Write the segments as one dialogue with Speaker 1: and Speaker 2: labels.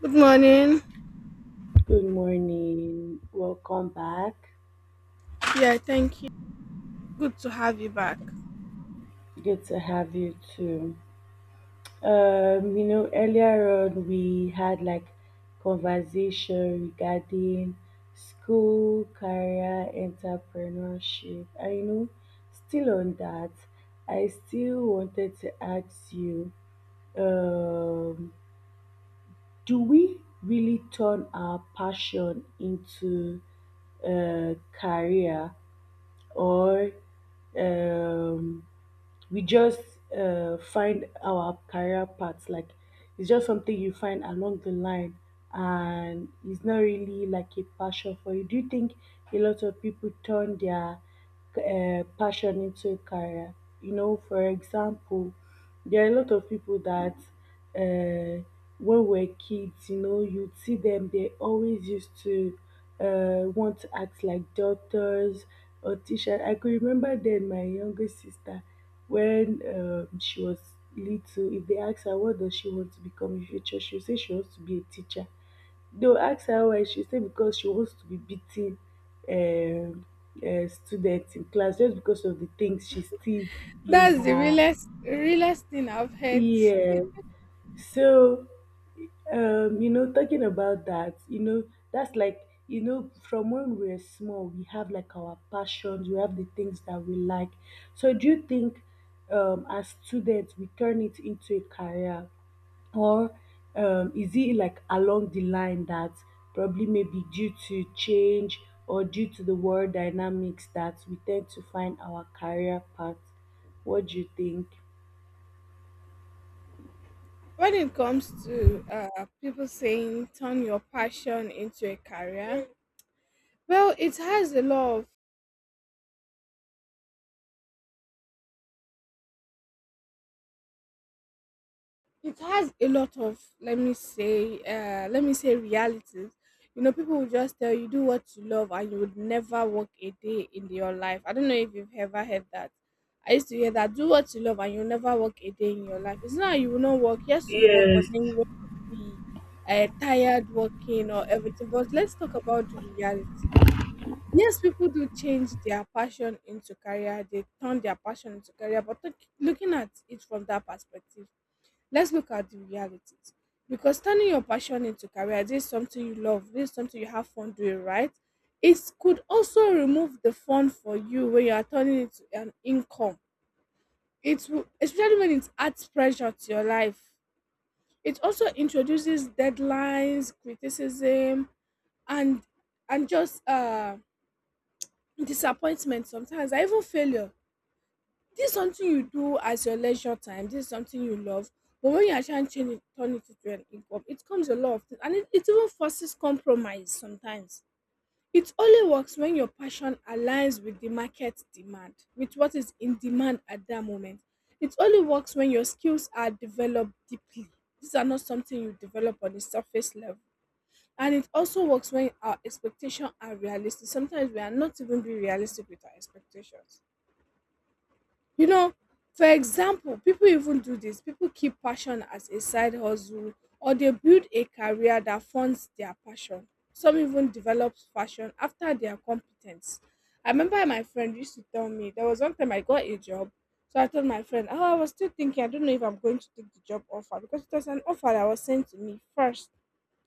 Speaker 1: Good morning.
Speaker 2: Good morning. Welcome back.
Speaker 1: Yeah, thank you. Good to have you back.
Speaker 2: Good to have you too. Earlier on we had like conversation regarding school, career, entrepreneurship. I know still on that, I still wanted to ask you, um, do we really turn our passion into a career or um we just find our career path. Like it's just something you find along the line, and it's not really like a passion for you. Do you think a lot of people turn their passion into a career? You know, for example, there are a lot of people that uh, when we are kids, you know, you see them. They always used to want to act like doctors or teachers. I could remember then my youngest sister when she was little, if they ask her what does she want to become in future, she go say she wants to be a teacher. They go ask her why, she say because she wants to be beating um students in class just because of the things she sees in
Speaker 1: That's the
Speaker 2: her.
Speaker 1: realest, realest thing I've heard
Speaker 2: Yes, so, talking about that, you know, that's like, you know, from when we're small, we have like our passions, we have the things that we like. So, do you think as students we turn it into a career, or is it like along the line that probably maybe due to change or due to the world dynamics that we tend to find our career path? What do you think?
Speaker 1: when it comes to people saying turn your passion into a career. Well, it has a lot of, let me say realities. You know, people will just tell you, do what you love and you would never work a day in your life. I don't know if you've ever heard that. I used to hear that: do what you love and you'll never work a day in your life. It's not that you will not work, yes, you work, but
Speaker 2: Yes.
Speaker 1: then you will be tired working or everything. But let's talk about the reality. Yes, people do change their passion into career, they turn their passion into career, but looking at it from that perspective, let's look at the realities, because turning your passion into career, this is something you love, this is something you have fun doing, right? It could also remove the fun for you when you are turning it to an income. It will, especially when it adds pressure to your life. It also introduces deadlines, criticism, and and just disappointment sometimes, and even failure. This is something you do as your leisure time. This is something you love. But when you actually change it, turn it into an income, it comes a lot of things. And it even forces compromise sometimes. It only works when your passion aligns with the market demand, with what is in demand at that moment. It only works when your skills are developed deeply. These are not something you develop on the surface level. And it also works when our expectations are realistic. Sometimes we are not even being realistic with our expectations. You know, for example, people even do this. People keep passion as a side hustle, or they build a career that funds their passion. Some even develop passion after their competence. I remember my friend used to tell me, there was one time I got a job. So I told my friend, "Oh, I was still thinking, I don't know if I'm going to take the job offer because it was an offer that was sent to me first."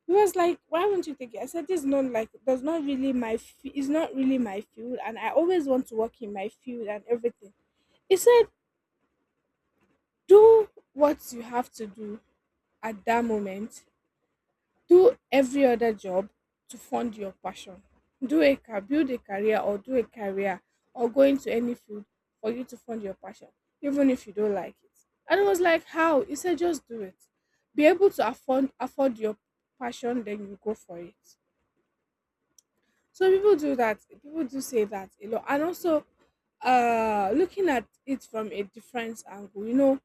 Speaker 1: He was like, "Why won't you take it?" I said, "This is not like that's not really my f- It's not really my field, and I always want to work in my field and everything." He said, do what you have to do at that moment. Do every other job to fund your passion. Build a career, or do a career, or go into any field for you to fund your passion, even if you don't like it. And I was like, "How?" He said, just do it. Be able to afford your passion, then you go for it. So people do that. People do say that a lot, and also looking at it from a different angle, you know,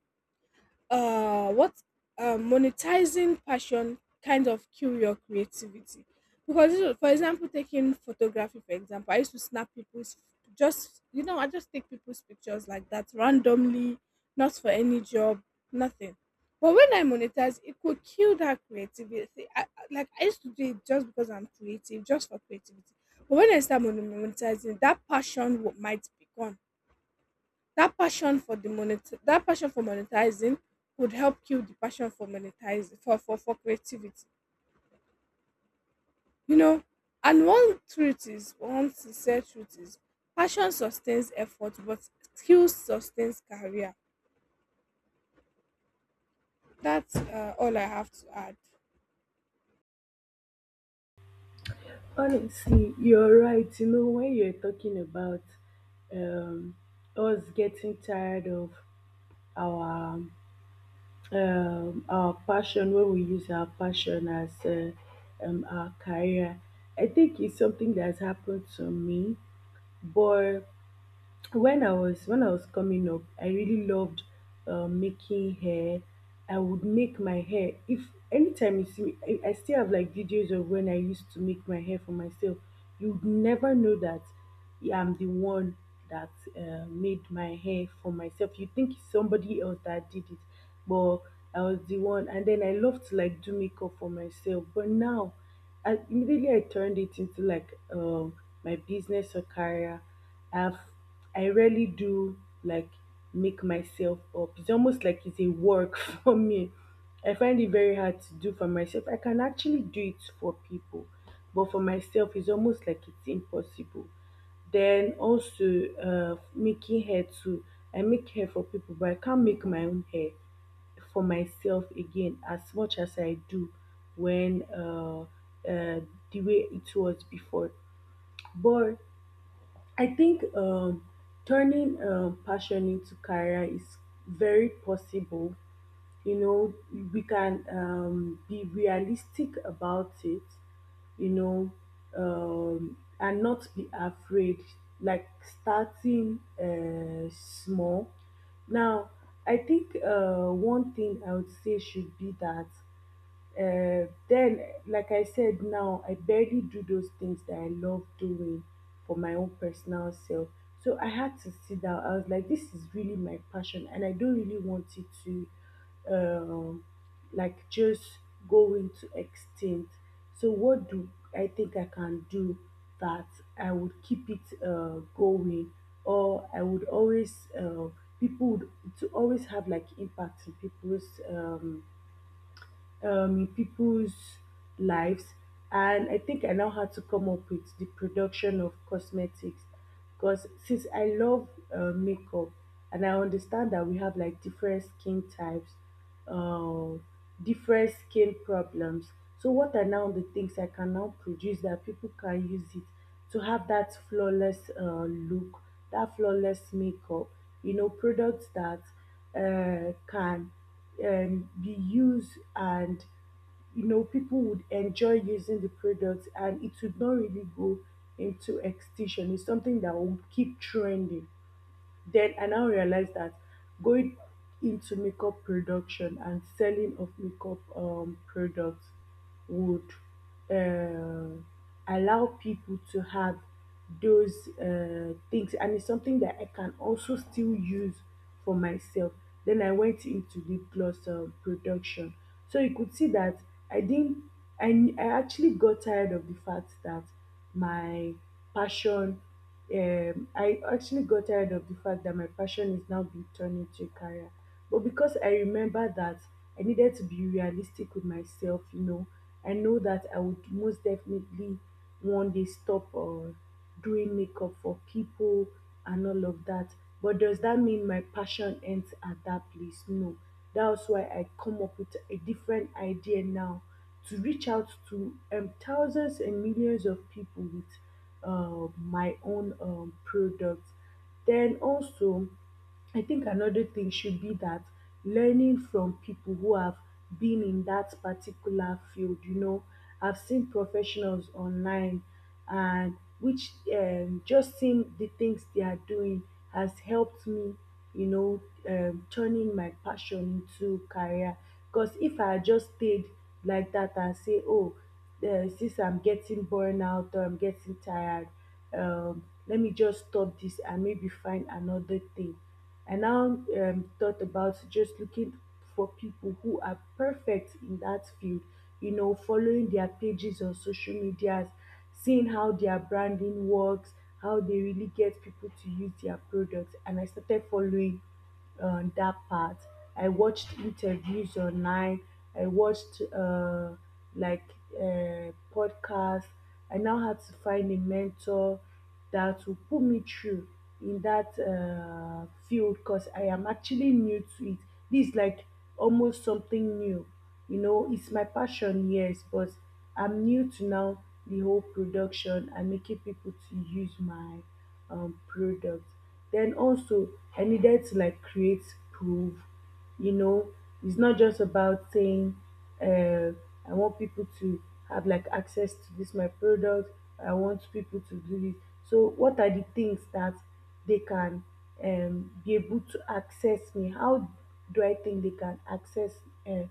Speaker 1: what monetizing passion kind of kill your creativity. Because, you know, for example, taking photography for example, I used to snap people's, just you know I just take people's pictures like that, randomly, not for any job, nothing. But when I monetize, it could kill that creativity. Like, I used to do it just because I'm creative, just for creativity. But when I start monetizing, that passion might be gone. that passion for the monet that passion for monetizing would help kill the passion for monetizing, for creativity. You know, and one sincere truth is, passion sustains effort, but skill sustains career. That's all I have to add.
Speaker 2: Honestly, you're right. You know, when you're talking about um, us getting tired of our our passion, when we use our passion as our career, I think it's something that's happened to me. But when I was coming up, I really loved making hair. I would make my hair. If anytime you see me, I still have like videos of when I used to make my hair for myself. You'd never know that, yeah, I'm the one that made my hair for myself. You think it's somebody else that did it, but I was the one. And then I love to like do makeup for myself. But now I turned it into like my business or career. I've I rarely do like make myself up. It's almost like it's a work for me. I find it very hard to do for myself. I can actually do it for people, but for myself it's almost like it's impossible. Then also making hair too. I make hair for people, but I can't make my own hair for myself again as much as I do when the way it was before. But I think turning passion into career is very possible, you know, we can be realistic about it, you know, and not be afraid, like starting small. Now I think one thing I would say should be that uh, then, like I said, now I barely do those things that I love doing for my own personal self. So I had to sit down. I was like, this is really my passion, and I don't really want it to, um, like, just go into extinct. So what do I think I can do that I would keep it going, or I would always people would to always have like impact um, in people's lives. And I think I now had to come up with the production of cosmetics because since I love makeup and I understand that we have like different skin types, uh, different skin problems. So, what are now the things I can now produce that people can use it to have that flawless look, that flawless makeup? You know, products that can be used, and you know people would enjoy using the product and it would not really go into extinction, it's something that will keep trending. Then I now realized that going into makeup production and selling of makeup products would uh, allow people to have those things, and it's something that I can also still use for myself. Then I went into lip gloss production. So you could see that I didn't, I actually got tired of the fact that my passion I actually got tired of the fact that my passion is now being turned into a career. But because I remember that I needed to be realistic with myself, you know, I know that I would most definitely one day stop doing makeup for people and all of that. But does that mean my passion ends at that place? No. That's why I come up with a different idea now to reach out to thousands and millions of people with my own products. Then also, I think another thing should be that learning from people who have been in that particular field, you know, I've seen professionals online and which just seeing the things they are doing has helped me, you know, turning my passion into career. Because if I had just stayed like that and say, oh, since I'm getting burnout or I'm getting tired, let me just stop this and maybe find another thing. I now thought about just looking for people who are perfect in that field, you know, following their pages on social medias, seeing how their branding works, how they really get people to use their products. And I started following that part. I watched interviews online. I watched like podcasts. I now had to find a mentor that will put me through in that field because I am actually new to it. This is like almost something new. You know, it's my passion, yes, but I'm new to now the whole production and making people to use my product. Then also, I needed to like create proof, you know, it's not just about saying uh, I want people to have like access to this my product, I want people to do this. So what are the things that they can be able to access me, how do I think they can access uh,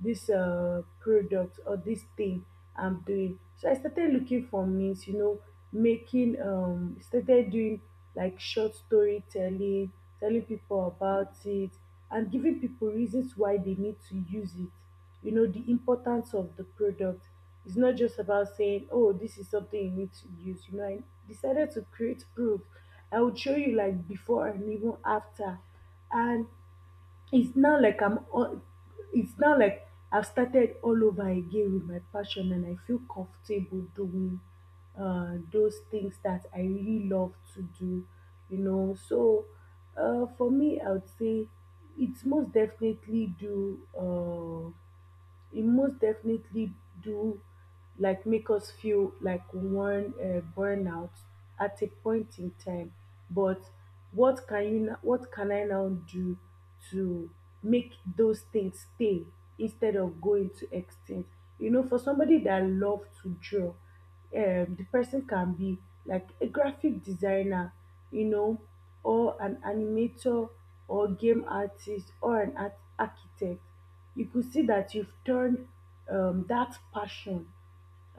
Speaker 2: this product or this thing I'm doing. So I started looking for means, you know, started doing like short storytelling, telling people about it, and giving people reasons why they need to use it. You know, the importance of the product. It's not just about saying, oh, this is something you need to use. You know, I decided to create proof. I would show you like before and even after. And it's now like I'm all, it's now like I've started all over again with my passion and I feel comfortable doing those things that I really love to do, you know. So for me, I would say it's most definitely do. Uh, it most definitely do like make us feel like one burnout at a point in time, but what can I now do to make those things stay instead of going to extinct. You know, for somebody that love to draw, the person can be like a graphic designer, you know, or an animator, or game artist or an art architect. You could see that you've turned that passion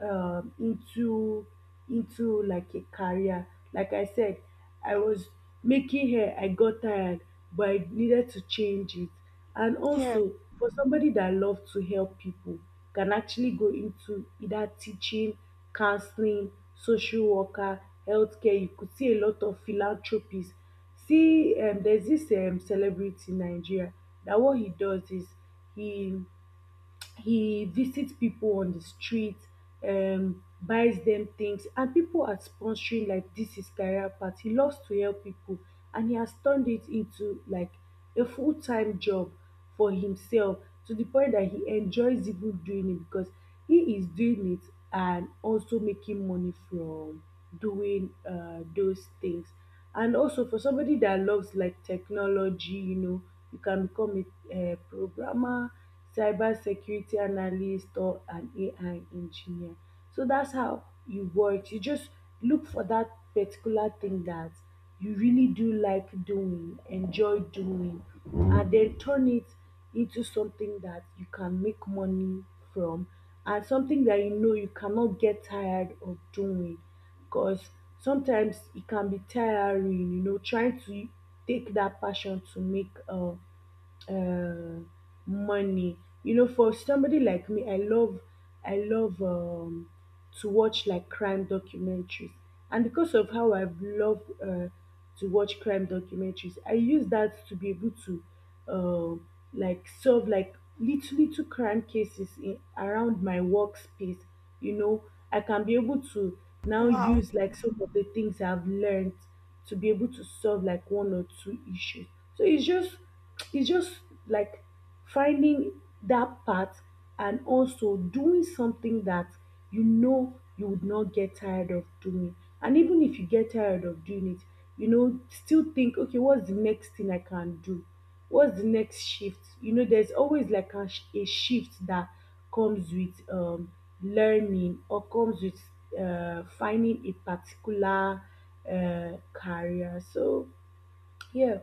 Speaker 2: um, into into like a career. Like I said, I was making hair, I got tired, but I needed to change it. And
Speaker 1: Yeah.
Speaker 2: also for somebody that loves to help people, can actually go into either teaching, counseling, social worker, healthcare. You could see a lot of philanthropies. See, there's this celebrity in Nigeria that what he does is, he he visit people on the street, buys them things, and people are sponsoring like this his career path. He loves to help people, and he has turned it into like a full-time job for himself, to the point that he enjoys even doing it because he is doing it and also making money from doing those things. And also for somebody that loves like technology, you know, you can become a, programmer, cyber security analyst, or an AI engineer. So that's how you work. You just look for that particular thing that you really do like doing, enjoy doing, and then turn it into something that you can make money from, and something that you know you cannot get tired of doing. Because sometimes e can be tiring, you know, trying to take that passion to make uh, money. You know, for somebody like me, I love to watch like crime documentaries, and because of how I've loved to watch crime documentaries, I use that to be able to uh, like solve like little little crime cases in, around my workspace. You know, I can be able to now
Speaker 1: Wow.
Speaker 2: use like some of the things I've learned to be able to solve like one or two issues. So it's just like finding that path, and also doing something that you know you would not get tired of doing. And even if you get tired of doing it, you know, still think, okay, what's the next thing I can do? What's the next shift? You know, there's always like a shift that comes with learning, or comes with finding a particular career. So, yeah,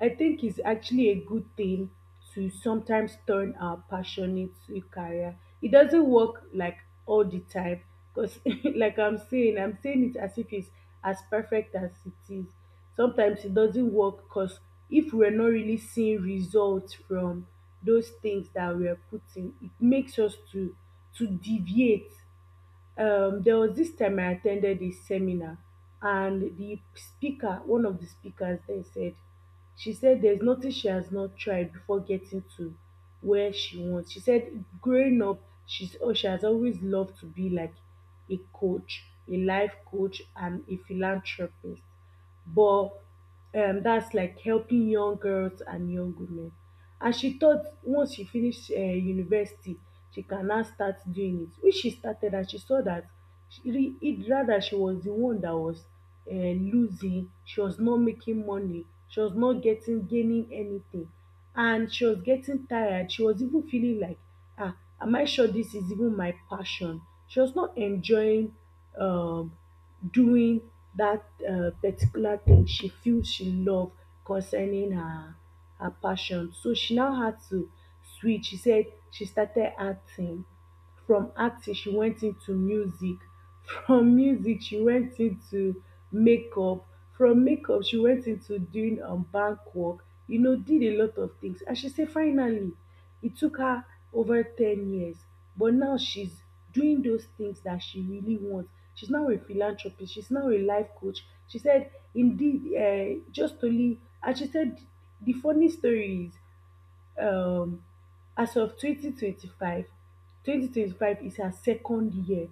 Speaker 2: I think it's actually a good thing to sometimes turn our passion into a career. It doesn't work like all the time, because, like I'm saying it as if it's as perfect as it is. Sometimes it doesn't work because if we're not really seeing results from those things that we're putting, it makes us to deviate. There was this time I attended a seminar, and the speaker, one of the speakers there, said, she said there's nothing she has not tried before getting to where she wants. She said growing up, she's oh, she has always loved to be like a coach, a life coach, and a philanthropist. But that's like helping young girls and young women. And she thought once she finished university, she can now start doing it, which she started and she saw that rather she was the one that was losing. She was not making money, she was not getting gaining anything, and she was getting tired. She was even feeling like um am I sure this is even my passion? She was not enjoying um doing that particular thing she feel she love concerning her passion. So she now had to switch. She said she started acting. From acting she went into music, from music she went into makeup, from makeup she went into doing bank work, you know, did a lot of things. And she said finally, it took her over 10 years, but now she's doing those things that she really wants. She's now a philanthropist, she's now a life coach. She said, indeed, just only, and she said, the funny story is, um as of 2025, 2025 is her second year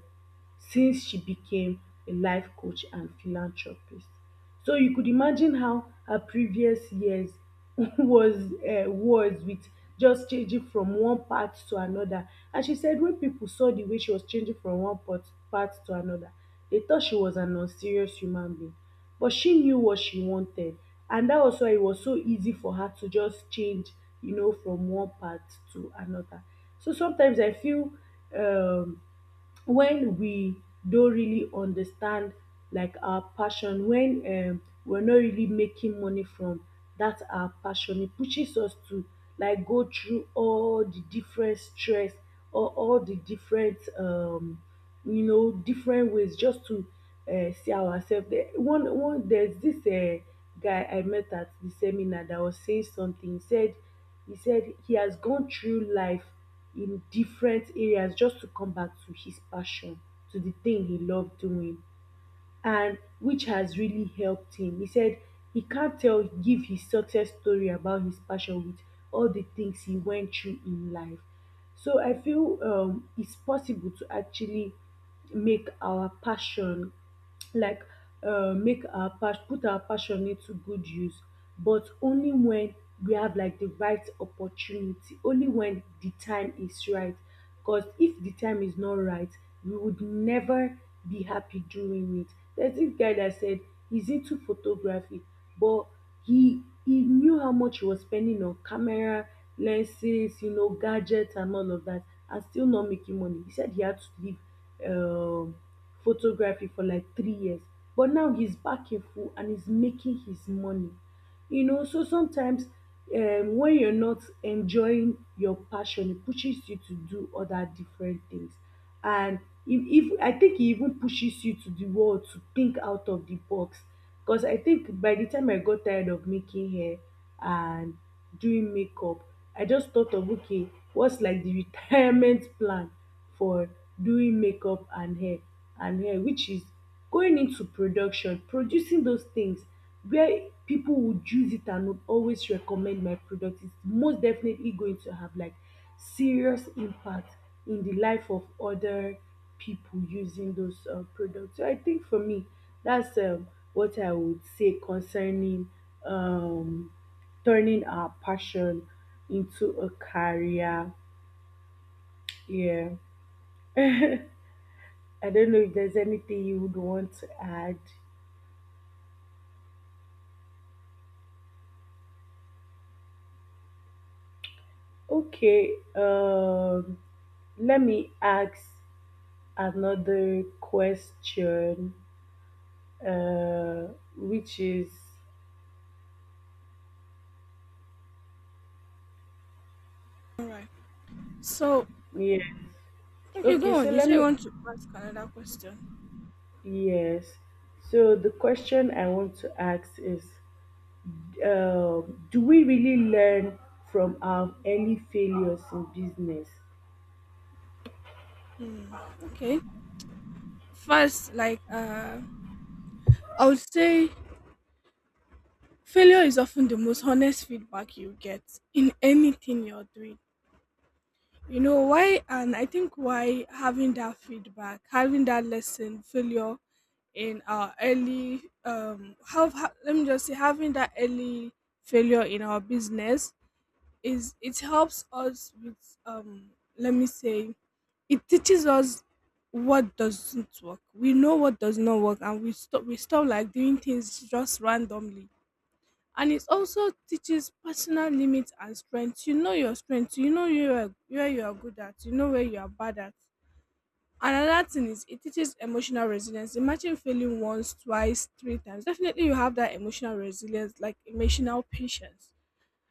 Speaker 2: since she became a life coach and philanthropist. So you could imagine how her previous years was with just changing from one part to another. And she said wen pipo saw di way she was changing from one pot part to anoda, dey thought she was an unserious human being. But she knew what she wanted, and that was why it was so easy for her to just change, you know, from one path to another. So sometimes I feel um when we no really understand like our passion, when we're not really making money from that our passion, it pushes us to like go through all the different stress, or all the different you know different ways, just to see ourselves there. One one There's this guy I met at the seminar that was saying something. He said he said he has gone through life in different areas just to come back to his passion, to the thing he loved doing, and which has really helped him. He said he can't tell give his success story about his passion with all the things he went through in life. So I feel it's possible to actually make our passion like make our passion, put our passion into good use, but only when we have like the right opportunity, only when the time is right. Because if the time is not right, we would never be happy doing it. There's this guy that said he's into photography, but he knew how much he was spending on camera, lenses, you know, gadgets and all of that, and still not making money. He said he had to leave um photography for like 3 years. But now he's back in full and he's making his money. You know, so sometimes when you're not enjoying your passion, it pushes you to do other different things. And if I think it even pushes you to the world to think out of the box. Because I think by the time I got tired of making hair and doing makeup, I just thought of, okay, what's like the retirement plan for doing makeup and hair which is going into production, producing those things where people would use it and would always recommend my product. It's most definitely going to have like serious impact in the life of other people using those products. So I think for me, that's what I would say concerning um, turning our passion into a career. Yeah. I don't know if there's anything you would want to add. Okay, let me ask another question, uh, which is,
Speaker 1: All right. So
Speaker 2: yeah.
Speaker 1: okay,
Speaker 2: Okay,
Speaker 1: go
Speaker 2: so
Speaker 1: on. You
Speaker 2: let
Speaker 1: say you
Speaker 2: me.
Speaker 1: want to ask another question.
Speaker 2: Yes. So the question I want to ask is, do we really learn from our any failures in business?
Speaker 1: Hmm. Okay. First, like I would say failure is often the most honest feedback you get in anything you're doing. You know why? And I think, why having that feedback, having that lesson, failure in our early, let me just say, having that early failure in our business, is, it helps us with, let me say, it teaches us what doesn't work. We know what does not work, and We stop. Like doing things just randomly. And it also teaches personal limits and strengths. You know your strengths, you know where you are good at, you know where you are bad at. Another thing is, it teaches emotional resilience. Imagine failing once, twice, three times. Definitely, you have that emotional resilience, like emotional patience,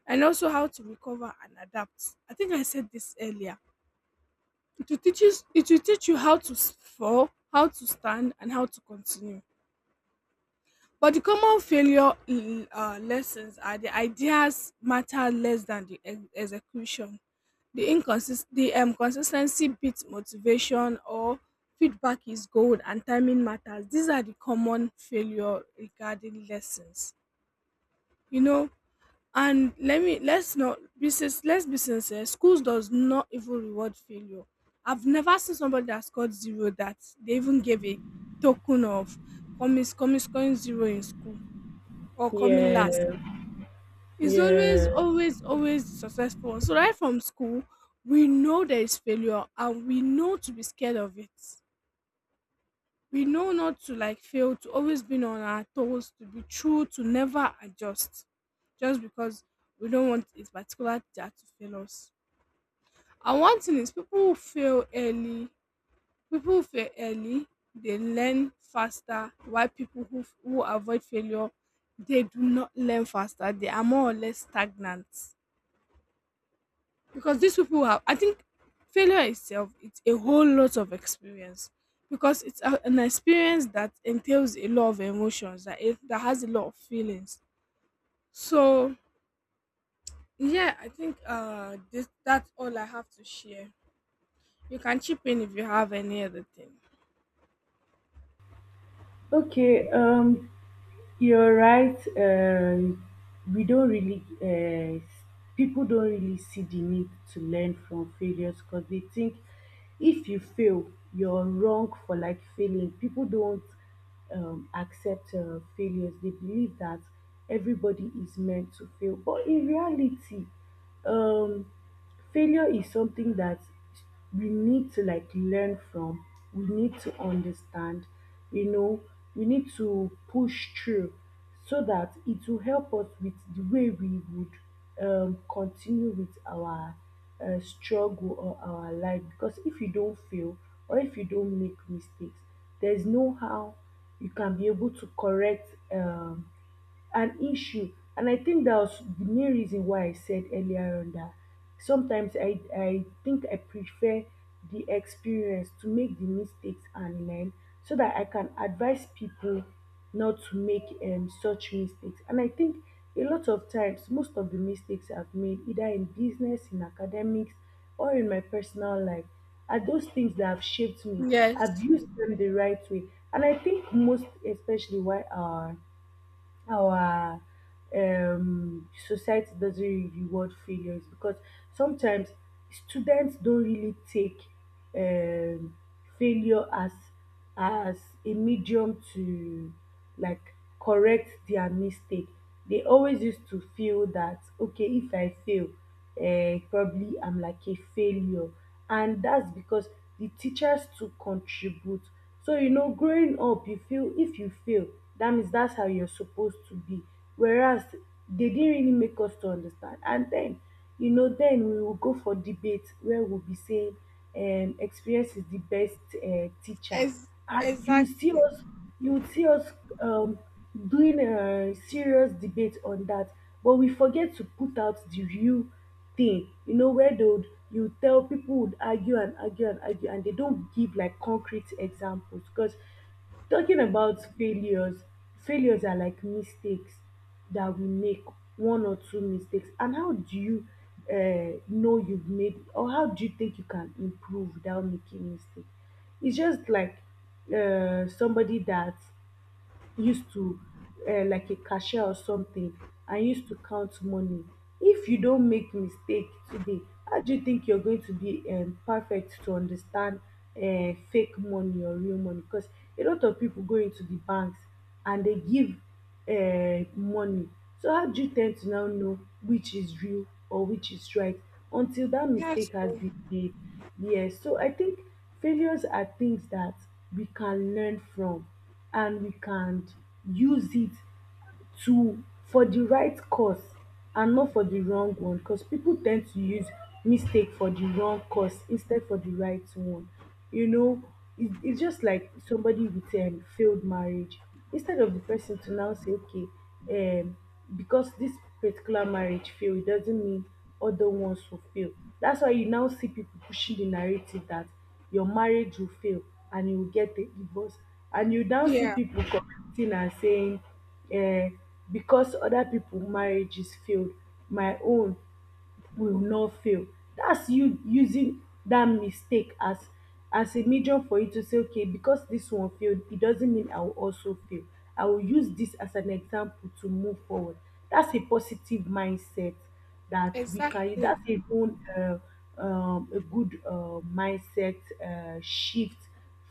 Speaker 1: and also how to recover and adapt. I think I said this earlier. It will teach you how to fall, how to stand, and how to continue. But the common failure lessons are: the ideas matter less than the execution. The consistency beats motivation, or feedback is gold, and timing matters. These are the common failure regarding lessons. You know, and let me let's not be sin- let's be sincere. Schools does not even reward failure. I've never seen somebody that scored zero that they even gave a token of coming, scoring zero in school or coming last
Speaker 2: Yeah,
Speaker 1: is always,
Speaker 2: yeah.
Speaker 1: always, always successful. So right from school, we know there is failure, and we know to be scared of it. We know not to like fail, to always be on our toes, to be true, to never adjust just because we don't want a particular teacher to fail us. And one thing is, people who fail early, they learn faster, while people who avoid failure, they do not learn faster, they are more or less stagnant. Because these people have, I think, failure itself, it's a whole lot of experience, because it's an experience that entails a lot of emotions, that has a lot of feelings. So yeah, I think, this that's all I have to share. You can chip in if you have any other thing.
Speaker 2: Okay, you're right. We don't really, people don't really see the need to learn from failures, because they think if you fail, you're wrong for like failing. People don't accept failures. They believe that everybody is meant to fail, but in reality, um, failure is something that we need to like learn from, we need to understand, you know, we need to push through, so that it will help us with the way we would continue with our struggle or our life. Because if you don't fail or if you don't make mistakes, there's no how you can be able to correct an issue. And I think that was the main reason why I said earlier on that sometimes I think I prefer the experience to make the mistakes and learn, so that I can advise people not to make such mistakes. And I think a lot of times, most of the mistakes I've made, either in business, in academics, or in my personal life, are those things that have shaped me.
Speaker 1: Yes.
Speaker 2: I've used them the right way. And I think most especially why our society doesn't really reward failures, because sometimes students don't really take um failure as as a medium to like correct their mistake. They always used to feel that okay, if I fail, probably I'm like a failure. And that's because the teachers too contribute. So you know, growing up, you feel if you fail, that means that's how you're supposed to be. Whereas they didn't really make us to understand. And then you know, then we will go for debate where we'll be saying, experience is the best teacher.
Speaker 1: ex-
Speaker 2: And you see
Speaker 1: exactly.
Speaker 2: us you see us um, doing a serious debate on that, but we forget to put out the real thing, you know, where they would you tell people would argue and argue and argue and they don't give like concrete examples. Because talking about failures, failures are like mistakes that we make. One or two mistakes, and how do you know you've made, or how do you think you can improve without making mistakes? It's just like somebody that used to like a cashier or something, and used to count money. If you don't make mistake today, how do you think you're going to be perfect to understand fake money or real money? Because a lot of people go into the banks and they give money. So how do you tend to now know which is real or which is right, until that
Speaker 1: That's
Speaker 2: mistake has
Speaker 1: true.
Speaker 2: been made? Yes, so I think failures are things that we can learn from, and we can use it to for the right cause, and not for the wrong one. Because people tend to use mistake for the wrong cause instead for the right one. You know, it's just like somebody with a failed marriage. Instead of the person to now say, okay, um because this particular marriage failed, it doesn't mean other ones will fail. That's why you now see people pushing the narrative that your marriage will fail and you will get a divorce. And you now see
Speaker 1: Yeah.
Speaker 2: people commenting and saying, um because other pipo marriages failed, my own will not fail. That's you using that mistake as a medium for you to say, okay, because this one failed, it doesn't mean I will also fail. I will use this as an example to move forward. That's a positive mindset that we can.
Speaker 1: Exactly.
Speaker 2: That's a good mindset shift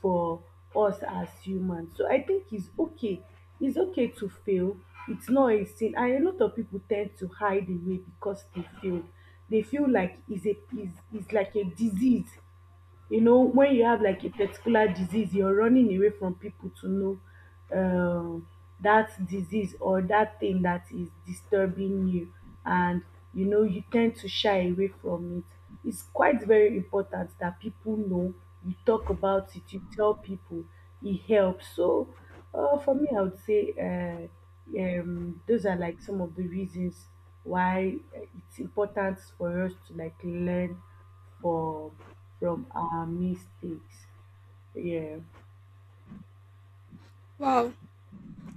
Speaker 2: for us as humans. So I think it's okay. It's okay to fail. It's not a sin, and a lot of people tend to hide away because they failed. They feel like it's a is like a disease. You know, when you have like a particular disease, you're running away from people to know um, that disease or that thing that is disturbing you. And, you know, you tend to shy away from it. It's quite very important that people know, you talk about it, you tell people, it helps. So, for me, I would say those are like some of the reasons why it's important for us to like learn for from our mistakes. Yeah.
Speaker 1: Wow.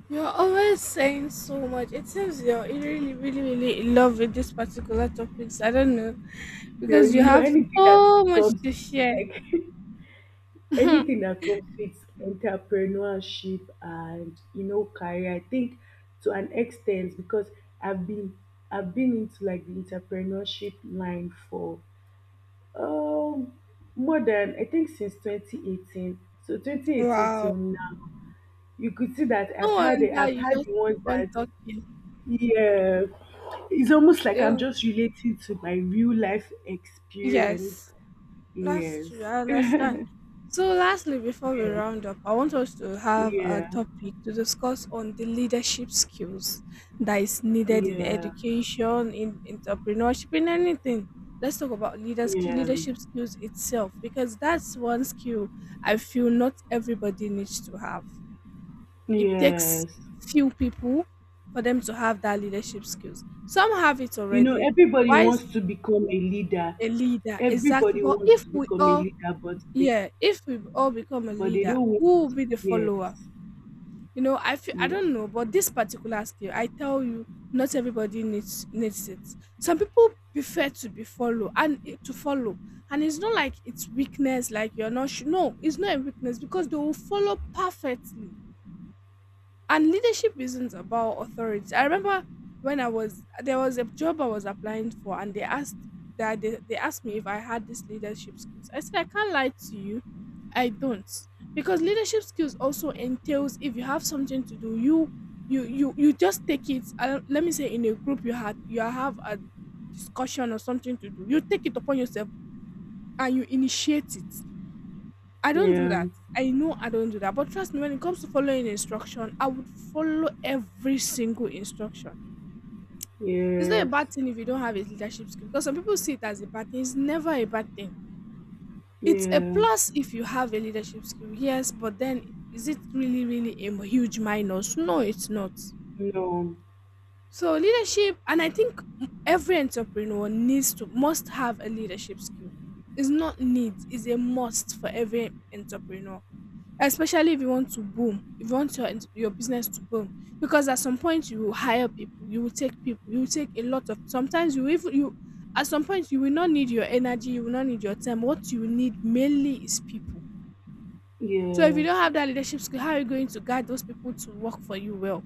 Speaker 1: You're always saying so much, it seems you're really, really, really in love with this particular topics, I don't know,
Speaker 2: So
Speaker 1: because you
Speaker 2: you know
Speaker 1: have
Speaker 2: anything that
Speaker 1: so much
Speaker 2: comes
Speaker 1: to
Speaker 2: with
Speaker 1: share.
Speaker 2: like
Speaker 1: No.
Speaker 2: anything that comes with entrepreneurship and you know career, I think to an extent because I've been I've been into like the entrepreneurship line for um more than I think, since 2018. So 2018
Speaker 1: Wow.
Speaker 2: till now, you could see that
Speaker 1: Wonder
Speaker 2: I've
Speaker 1: you
Speaker 2: had
Speaker 1: just
Speaker 2: the
Speaker 1: keep
Speaker 2: ones
Speaker 1: on
Speaker 2: that.
Speaker 1: talking.
Speaker 2: Yeah. It's almost like I'm
Speaker 1: Yeah.
Speaker 2: just relating to my real life experience.
Speaker 1: Yes, that's
Speaker 2: Yes.
Speaker 1: true. I
Speaker 2: Yeah.
Speaker 1: understand. So, lastly, before we round up, I want us to have a
Speaker 2: Yeah.
Speaker 1: topic to discuss on the leadership skills that is needed in
Speaker 2: Yeah.
Speaker 1: education, in entrepreneurship, in anything. Let's talk about
Speaker 2: Yeah.
Speaker 1: leadership skills itself, because that's one skill I feel not everybody needs to have. It takes
Speaker 2: Yes.
Speaker 1: few people for them to have that leadership skills. Some have it
Speaker 2: You know,
Speaker 1: already.
Speaker 2: everybody
Speaker 1: Why is
Speaker 2: wants to become a leader.
Speaker 1: a leader? Exactly.
Speaker 2: Everybody
Speaker 1: But
Speaker 2: wants
Speaker 1: if
Speaker 2: to
Speaker 1: we
Speaker 2: become a
Speaker 1: all,
Speaker 2: leader, but they
Speaker 1: yeah, if we all become a
Speaker 2: but they
Speaker 1: leader,
Speaker 2: don't want.
Speaker 1: who will be the
Speaker 2: Yes.
Speaker 1: follower? You know, I feel, I
Speaker 2: Yeah.
Speaker 1: don't know, but this particular skill, I tell you, not everybody needs it. Some people prefer to be follow, and to follow, and it's not like it's weakness, like you're not. No, it's not a weakness, because they will follow perfectly. And leadership isn't about authority. I remember, when I was there was a job I was applying for, and they asked me if I had these leadership skills. I said, I can't lie to you, I don't. Because leadership skills also entails, if you have something to do, you just take it, let me say, in a group, you have a discussion or something to do, you take it upon yourself and you initiate it. I don't do
Speaker 2: Yeah.
Speaker 1: that. I know I don't do that. But trust me, when it comes to following instruction, I would follow every single instruction. It's not a
Speaker 2: Yes.
Speaker 1: bad thing if you don't have a leadership skill, because some people see it as a bad thing. It's never a bad thing. It's a
Speaker 2: Yeah.
Speaker 1: plus if you have a leadership skill, yes, but then, is it really, really a huge minus? No, it's not.
Speaker 2: No.
Speaker 1: So leadership, and I think every entrepreneur needs to must have a leadership skill. It's not need, it's a must for every entrepreneur, especially if you want to boom if you want your business to boom. Because at some point you will hire people, you will take people, you will take a lot of sometimes you even you at some point you will not need your energy, you will not need your time. What you need mainly is people. So if you
Speaker 2: Yes.
Speaker 1: don't have that leadership skill, how are you going to guide those people to work for you well?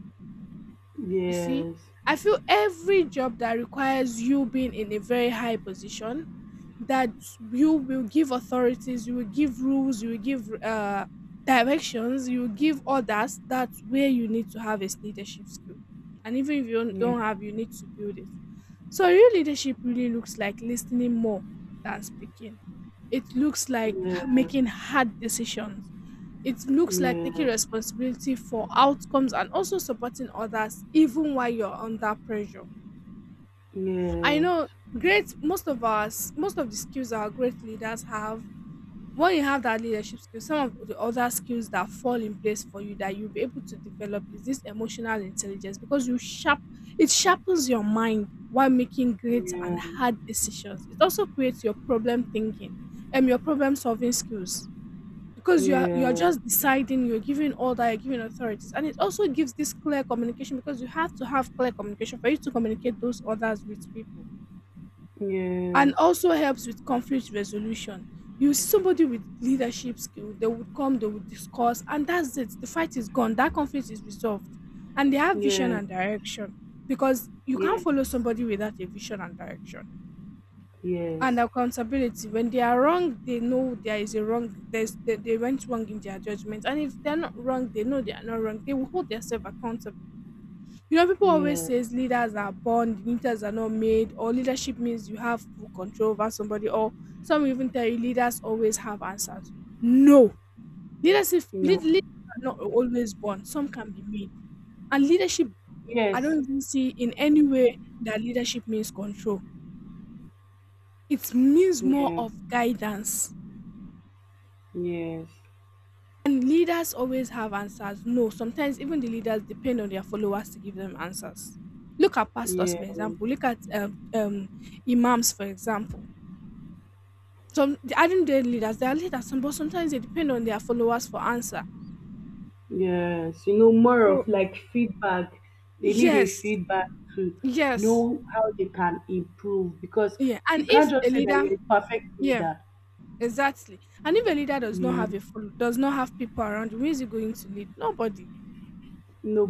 Speaker 1: You see,
Speaker 2: Yes.
Speaker 1: I feel every job that requires you being in a very high position, that you will give authorities, you will give rules, you will give directions, you will give orders, that's where you need to have a leadership skill. And even if you don't
Speaker 2: Yeah.
Speaker 1: have, you need to build it. So, real leadership really looks like listening more than speaking. It looks like
Speaker 2: Yeah.
Speaker 1: making hard decisions, it looks like
Speaker 2: Yeah.
Speaker 1: taking responsibility for outcomes, and also supporting others even while you're under pressure. I
Speaker 2: Yes.
Speaker 1: know great, most of the skills our great leaders have. When you have that leadership skill, some of the other skills that fall in place for you, that you'll be able to develop, is this emotional intelligence, because you sharp it sharpens your mind while making great and
Speaker 2: Yeah.
Speaker 1: hard decisions. It also creates your problem thinking and your problem solving skills, because you're
Speaker 2: Yeah.
Speaker 1: just deciding, you're giving authorities. And it also gives this clear communication, because you have to have clear communication for you to communicate those orders with people.
Speaker 2: Yes.
Speaker 1: And also helps with conflict resolution. You see somebody with leadership skill, they would come, they would discuss, and that's it, the fight is gone, that conflict is resolved. And they have vision
Speaker 2: Yeah.
Speaker 1: and direction, because you can't
Speaker 2: Yes.
Speaker 1: follow somebody without a vision and direction. And
Speaker 2: Yes.
Speaker 1: accountability, when they are wrong, they know there is a wrong, they went wrong in their judgment, and if they're not wrong, they know they are not wrong, they will hold themselves accountable. You know, people always
Speaker 2: Yeah.
Speaker 1: says leaders are born, leaders are not made, or leadership means you have full control over somebody, or some even tell you leaders always have answers. No.
Speaker 2: No.
Speaker 1: Leaders are not always born, some can be made. And leadership I
Speaker 2: Yes.
Speaker 1: don't even see in any way that leadership means control, it means more
Speaker 2: Yeah.
Speaker 1: of
Speaker 2: Yes.
Speaker 1: guidance.
Speaker 2: Yeah. Yes. Yes,
Speaker 1: And leaders always have answers. No, sometimes even the leaders depend on their followers to give them answers. Look at pastors, for
Speaker 2: yes, yes,
Speaker 1: example. Look at imams, for example. Some, they aren't their leaders. They are leaders, but sometimes they depend on their followers for answer.
Speaker 2: yes, yes, yes, yes, yes, yes, yes, yes. You know, more
Speaker 1: So
Speaker 2: of like feedback. They need a
Speaker 1: yes,
Speaker 2: feedback to
Speaker 1: yes,
Speaker 2: know how they can improve, because
Speaker 1: yeah. And
Speaker 2: you can't
Speaker 1: if
Speaker 2: just
Speaker 1: a
Speaker 2: say that
Speaker 1: leader,
Speaker 2: you're a perfect
Speaker 1: yeah,
Speaker 2: leader.
Speaker 1: exactly. And if a leader does not
Speaker 2: Yeah.
Speaker 1: have does not have people around, who is he going to lead? Nobody.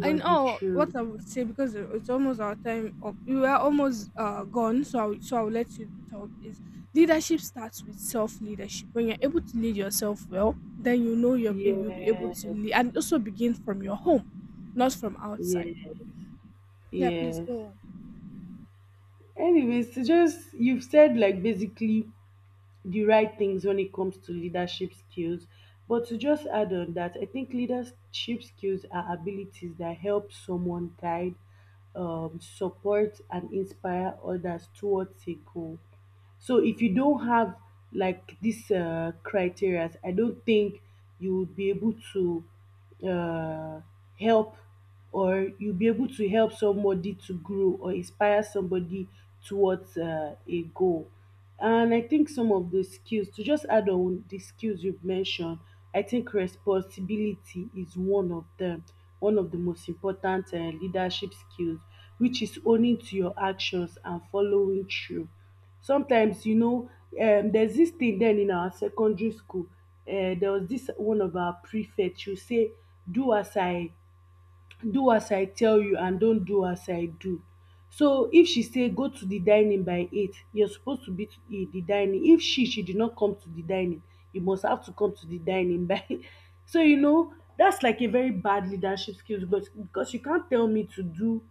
Speaker 1: I know
Speaker 2: true.
Speaker 1: what I would say, because it's almost our time up. We were almost gone, so I'll let you talk. Is Leadership starts with self leadership. When you're able to lead yourself well, then you'll be able to
Speaker 2: Yes.
Speaker 1: lead, and also begin from your home, not from outside.
Speaker 2: Yes.
Speaker 1: Yeah, please
Speaker 2: Yes.
Speaker 1: go on.
Speaker 2: Anyways, so just you've said like basically the right things when it comes to leadership skills. But to just add on that, I think leadership skills are abilities that help someone guide, support, and inspire others towards a goal. So if you don't have like these criteria, I don't think you would be able to uh, help, or you'll be able to help somebody to grow or inspire somebody towards a goal. And I think some of the skills, to just add on the skills you've mentioned, I think responsibility is one of them, one of the most important leadership skills, which is owning to your actions and following through. Sometimes, you know, there's this thing then in our secondary school, there was this one of our prefects, you say, do as I do as I tell you and don't do as I do. So if she say go to the dining by 8, you're supposed to be to the dining. If she did not come to the dining, you must have to come to the dining by. So you know that's like a very bad leadership skills, because you can't tell me to do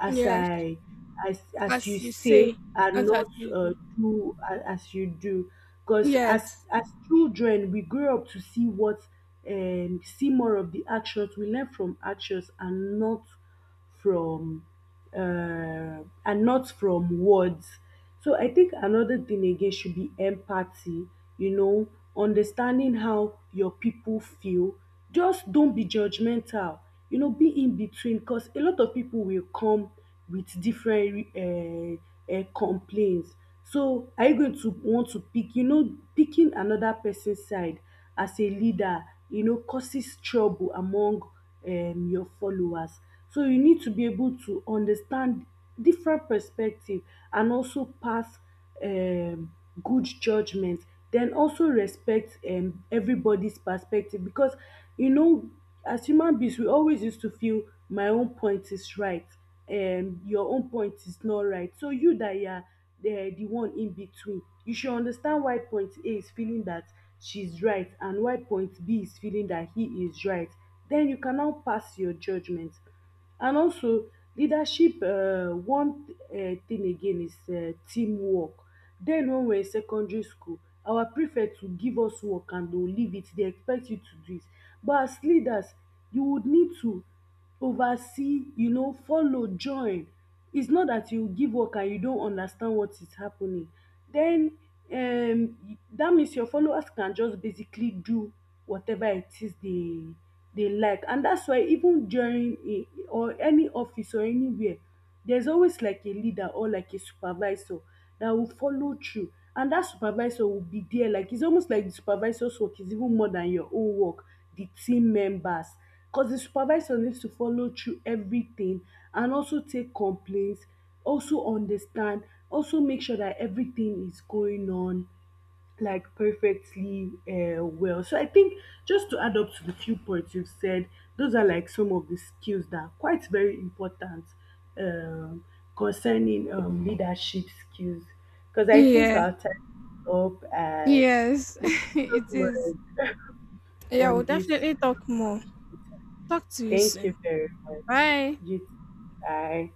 Speaker 2: as
Speaker 1: Yes,
Speaker 2: I as you
Speaker 1: as you
Speaker 2: say
Speaker 1: say,
Speaker 2: and
Speaker 1: not
Speaker 2: not
Speaker 1: as you do.
Speaker 2: as you do, because
Speaker 1: Yes,
Speaker 2: as children we grow up to see more of the actions. We learn from actions from and not from words. So I think another thing again should be empathy, you know, understanding how your pipu feel. Just don't be judgmental, you know, be in between, because a lot of pipu will come with different complaints. So are you going to want to pick, you know, picking another pesin side as a leader, you know, causes trouble among your followers. So you need to be able to understand different perspective and also pass um good judgement. Den also respect everybody's perspective, because you know, as human beings we always used to feel my own point is right, your own point is not right. So you dat you are the one in between. You should understand why point A is feeling that she's right and why point B is feeling that he is right, then you can now pass your judgment. And also leadership, one thing again is teamwork. Then when we're in secondary school, our prefect will give us work and they will leave it, they expect you to do it, but as leaders you would need to oversee, you know, follow join. It's not that you give work and you don understand what is happening. Den um dat means your followers can just basically do whatever it is dey dey like, and dats why even during a, or any office or anywhere, there's always like a leader or like a supervisor that will follow through, and that supervisor will be there, like it's almost like the supervisor's work is even more than your own work, the team members, because the supervisor needs to follow through everything, and also take complaints, also understand, also make sure that everything is going on like perfectly well. So I think just to add up to the few points you've said, those are like some of the skills that are quite very important um, concerning leadership skills. Because I think
Speaker 1: yeah,
Speaker 2: our time is up, and
Speaker 1: yes,
Speaker 2: we can talk
Speaker 1: it
Speaker 2: more
Speaker 1: is. Yeah, we'll
Speaker 2: on this.
Speaker 1: definitely talk more. Talk to you
Speaker 2: Thank you
Speaker 1: soon.
Speaker 2: very much.
Speaker 1: Bye.
Speaker 2: You too. Bye.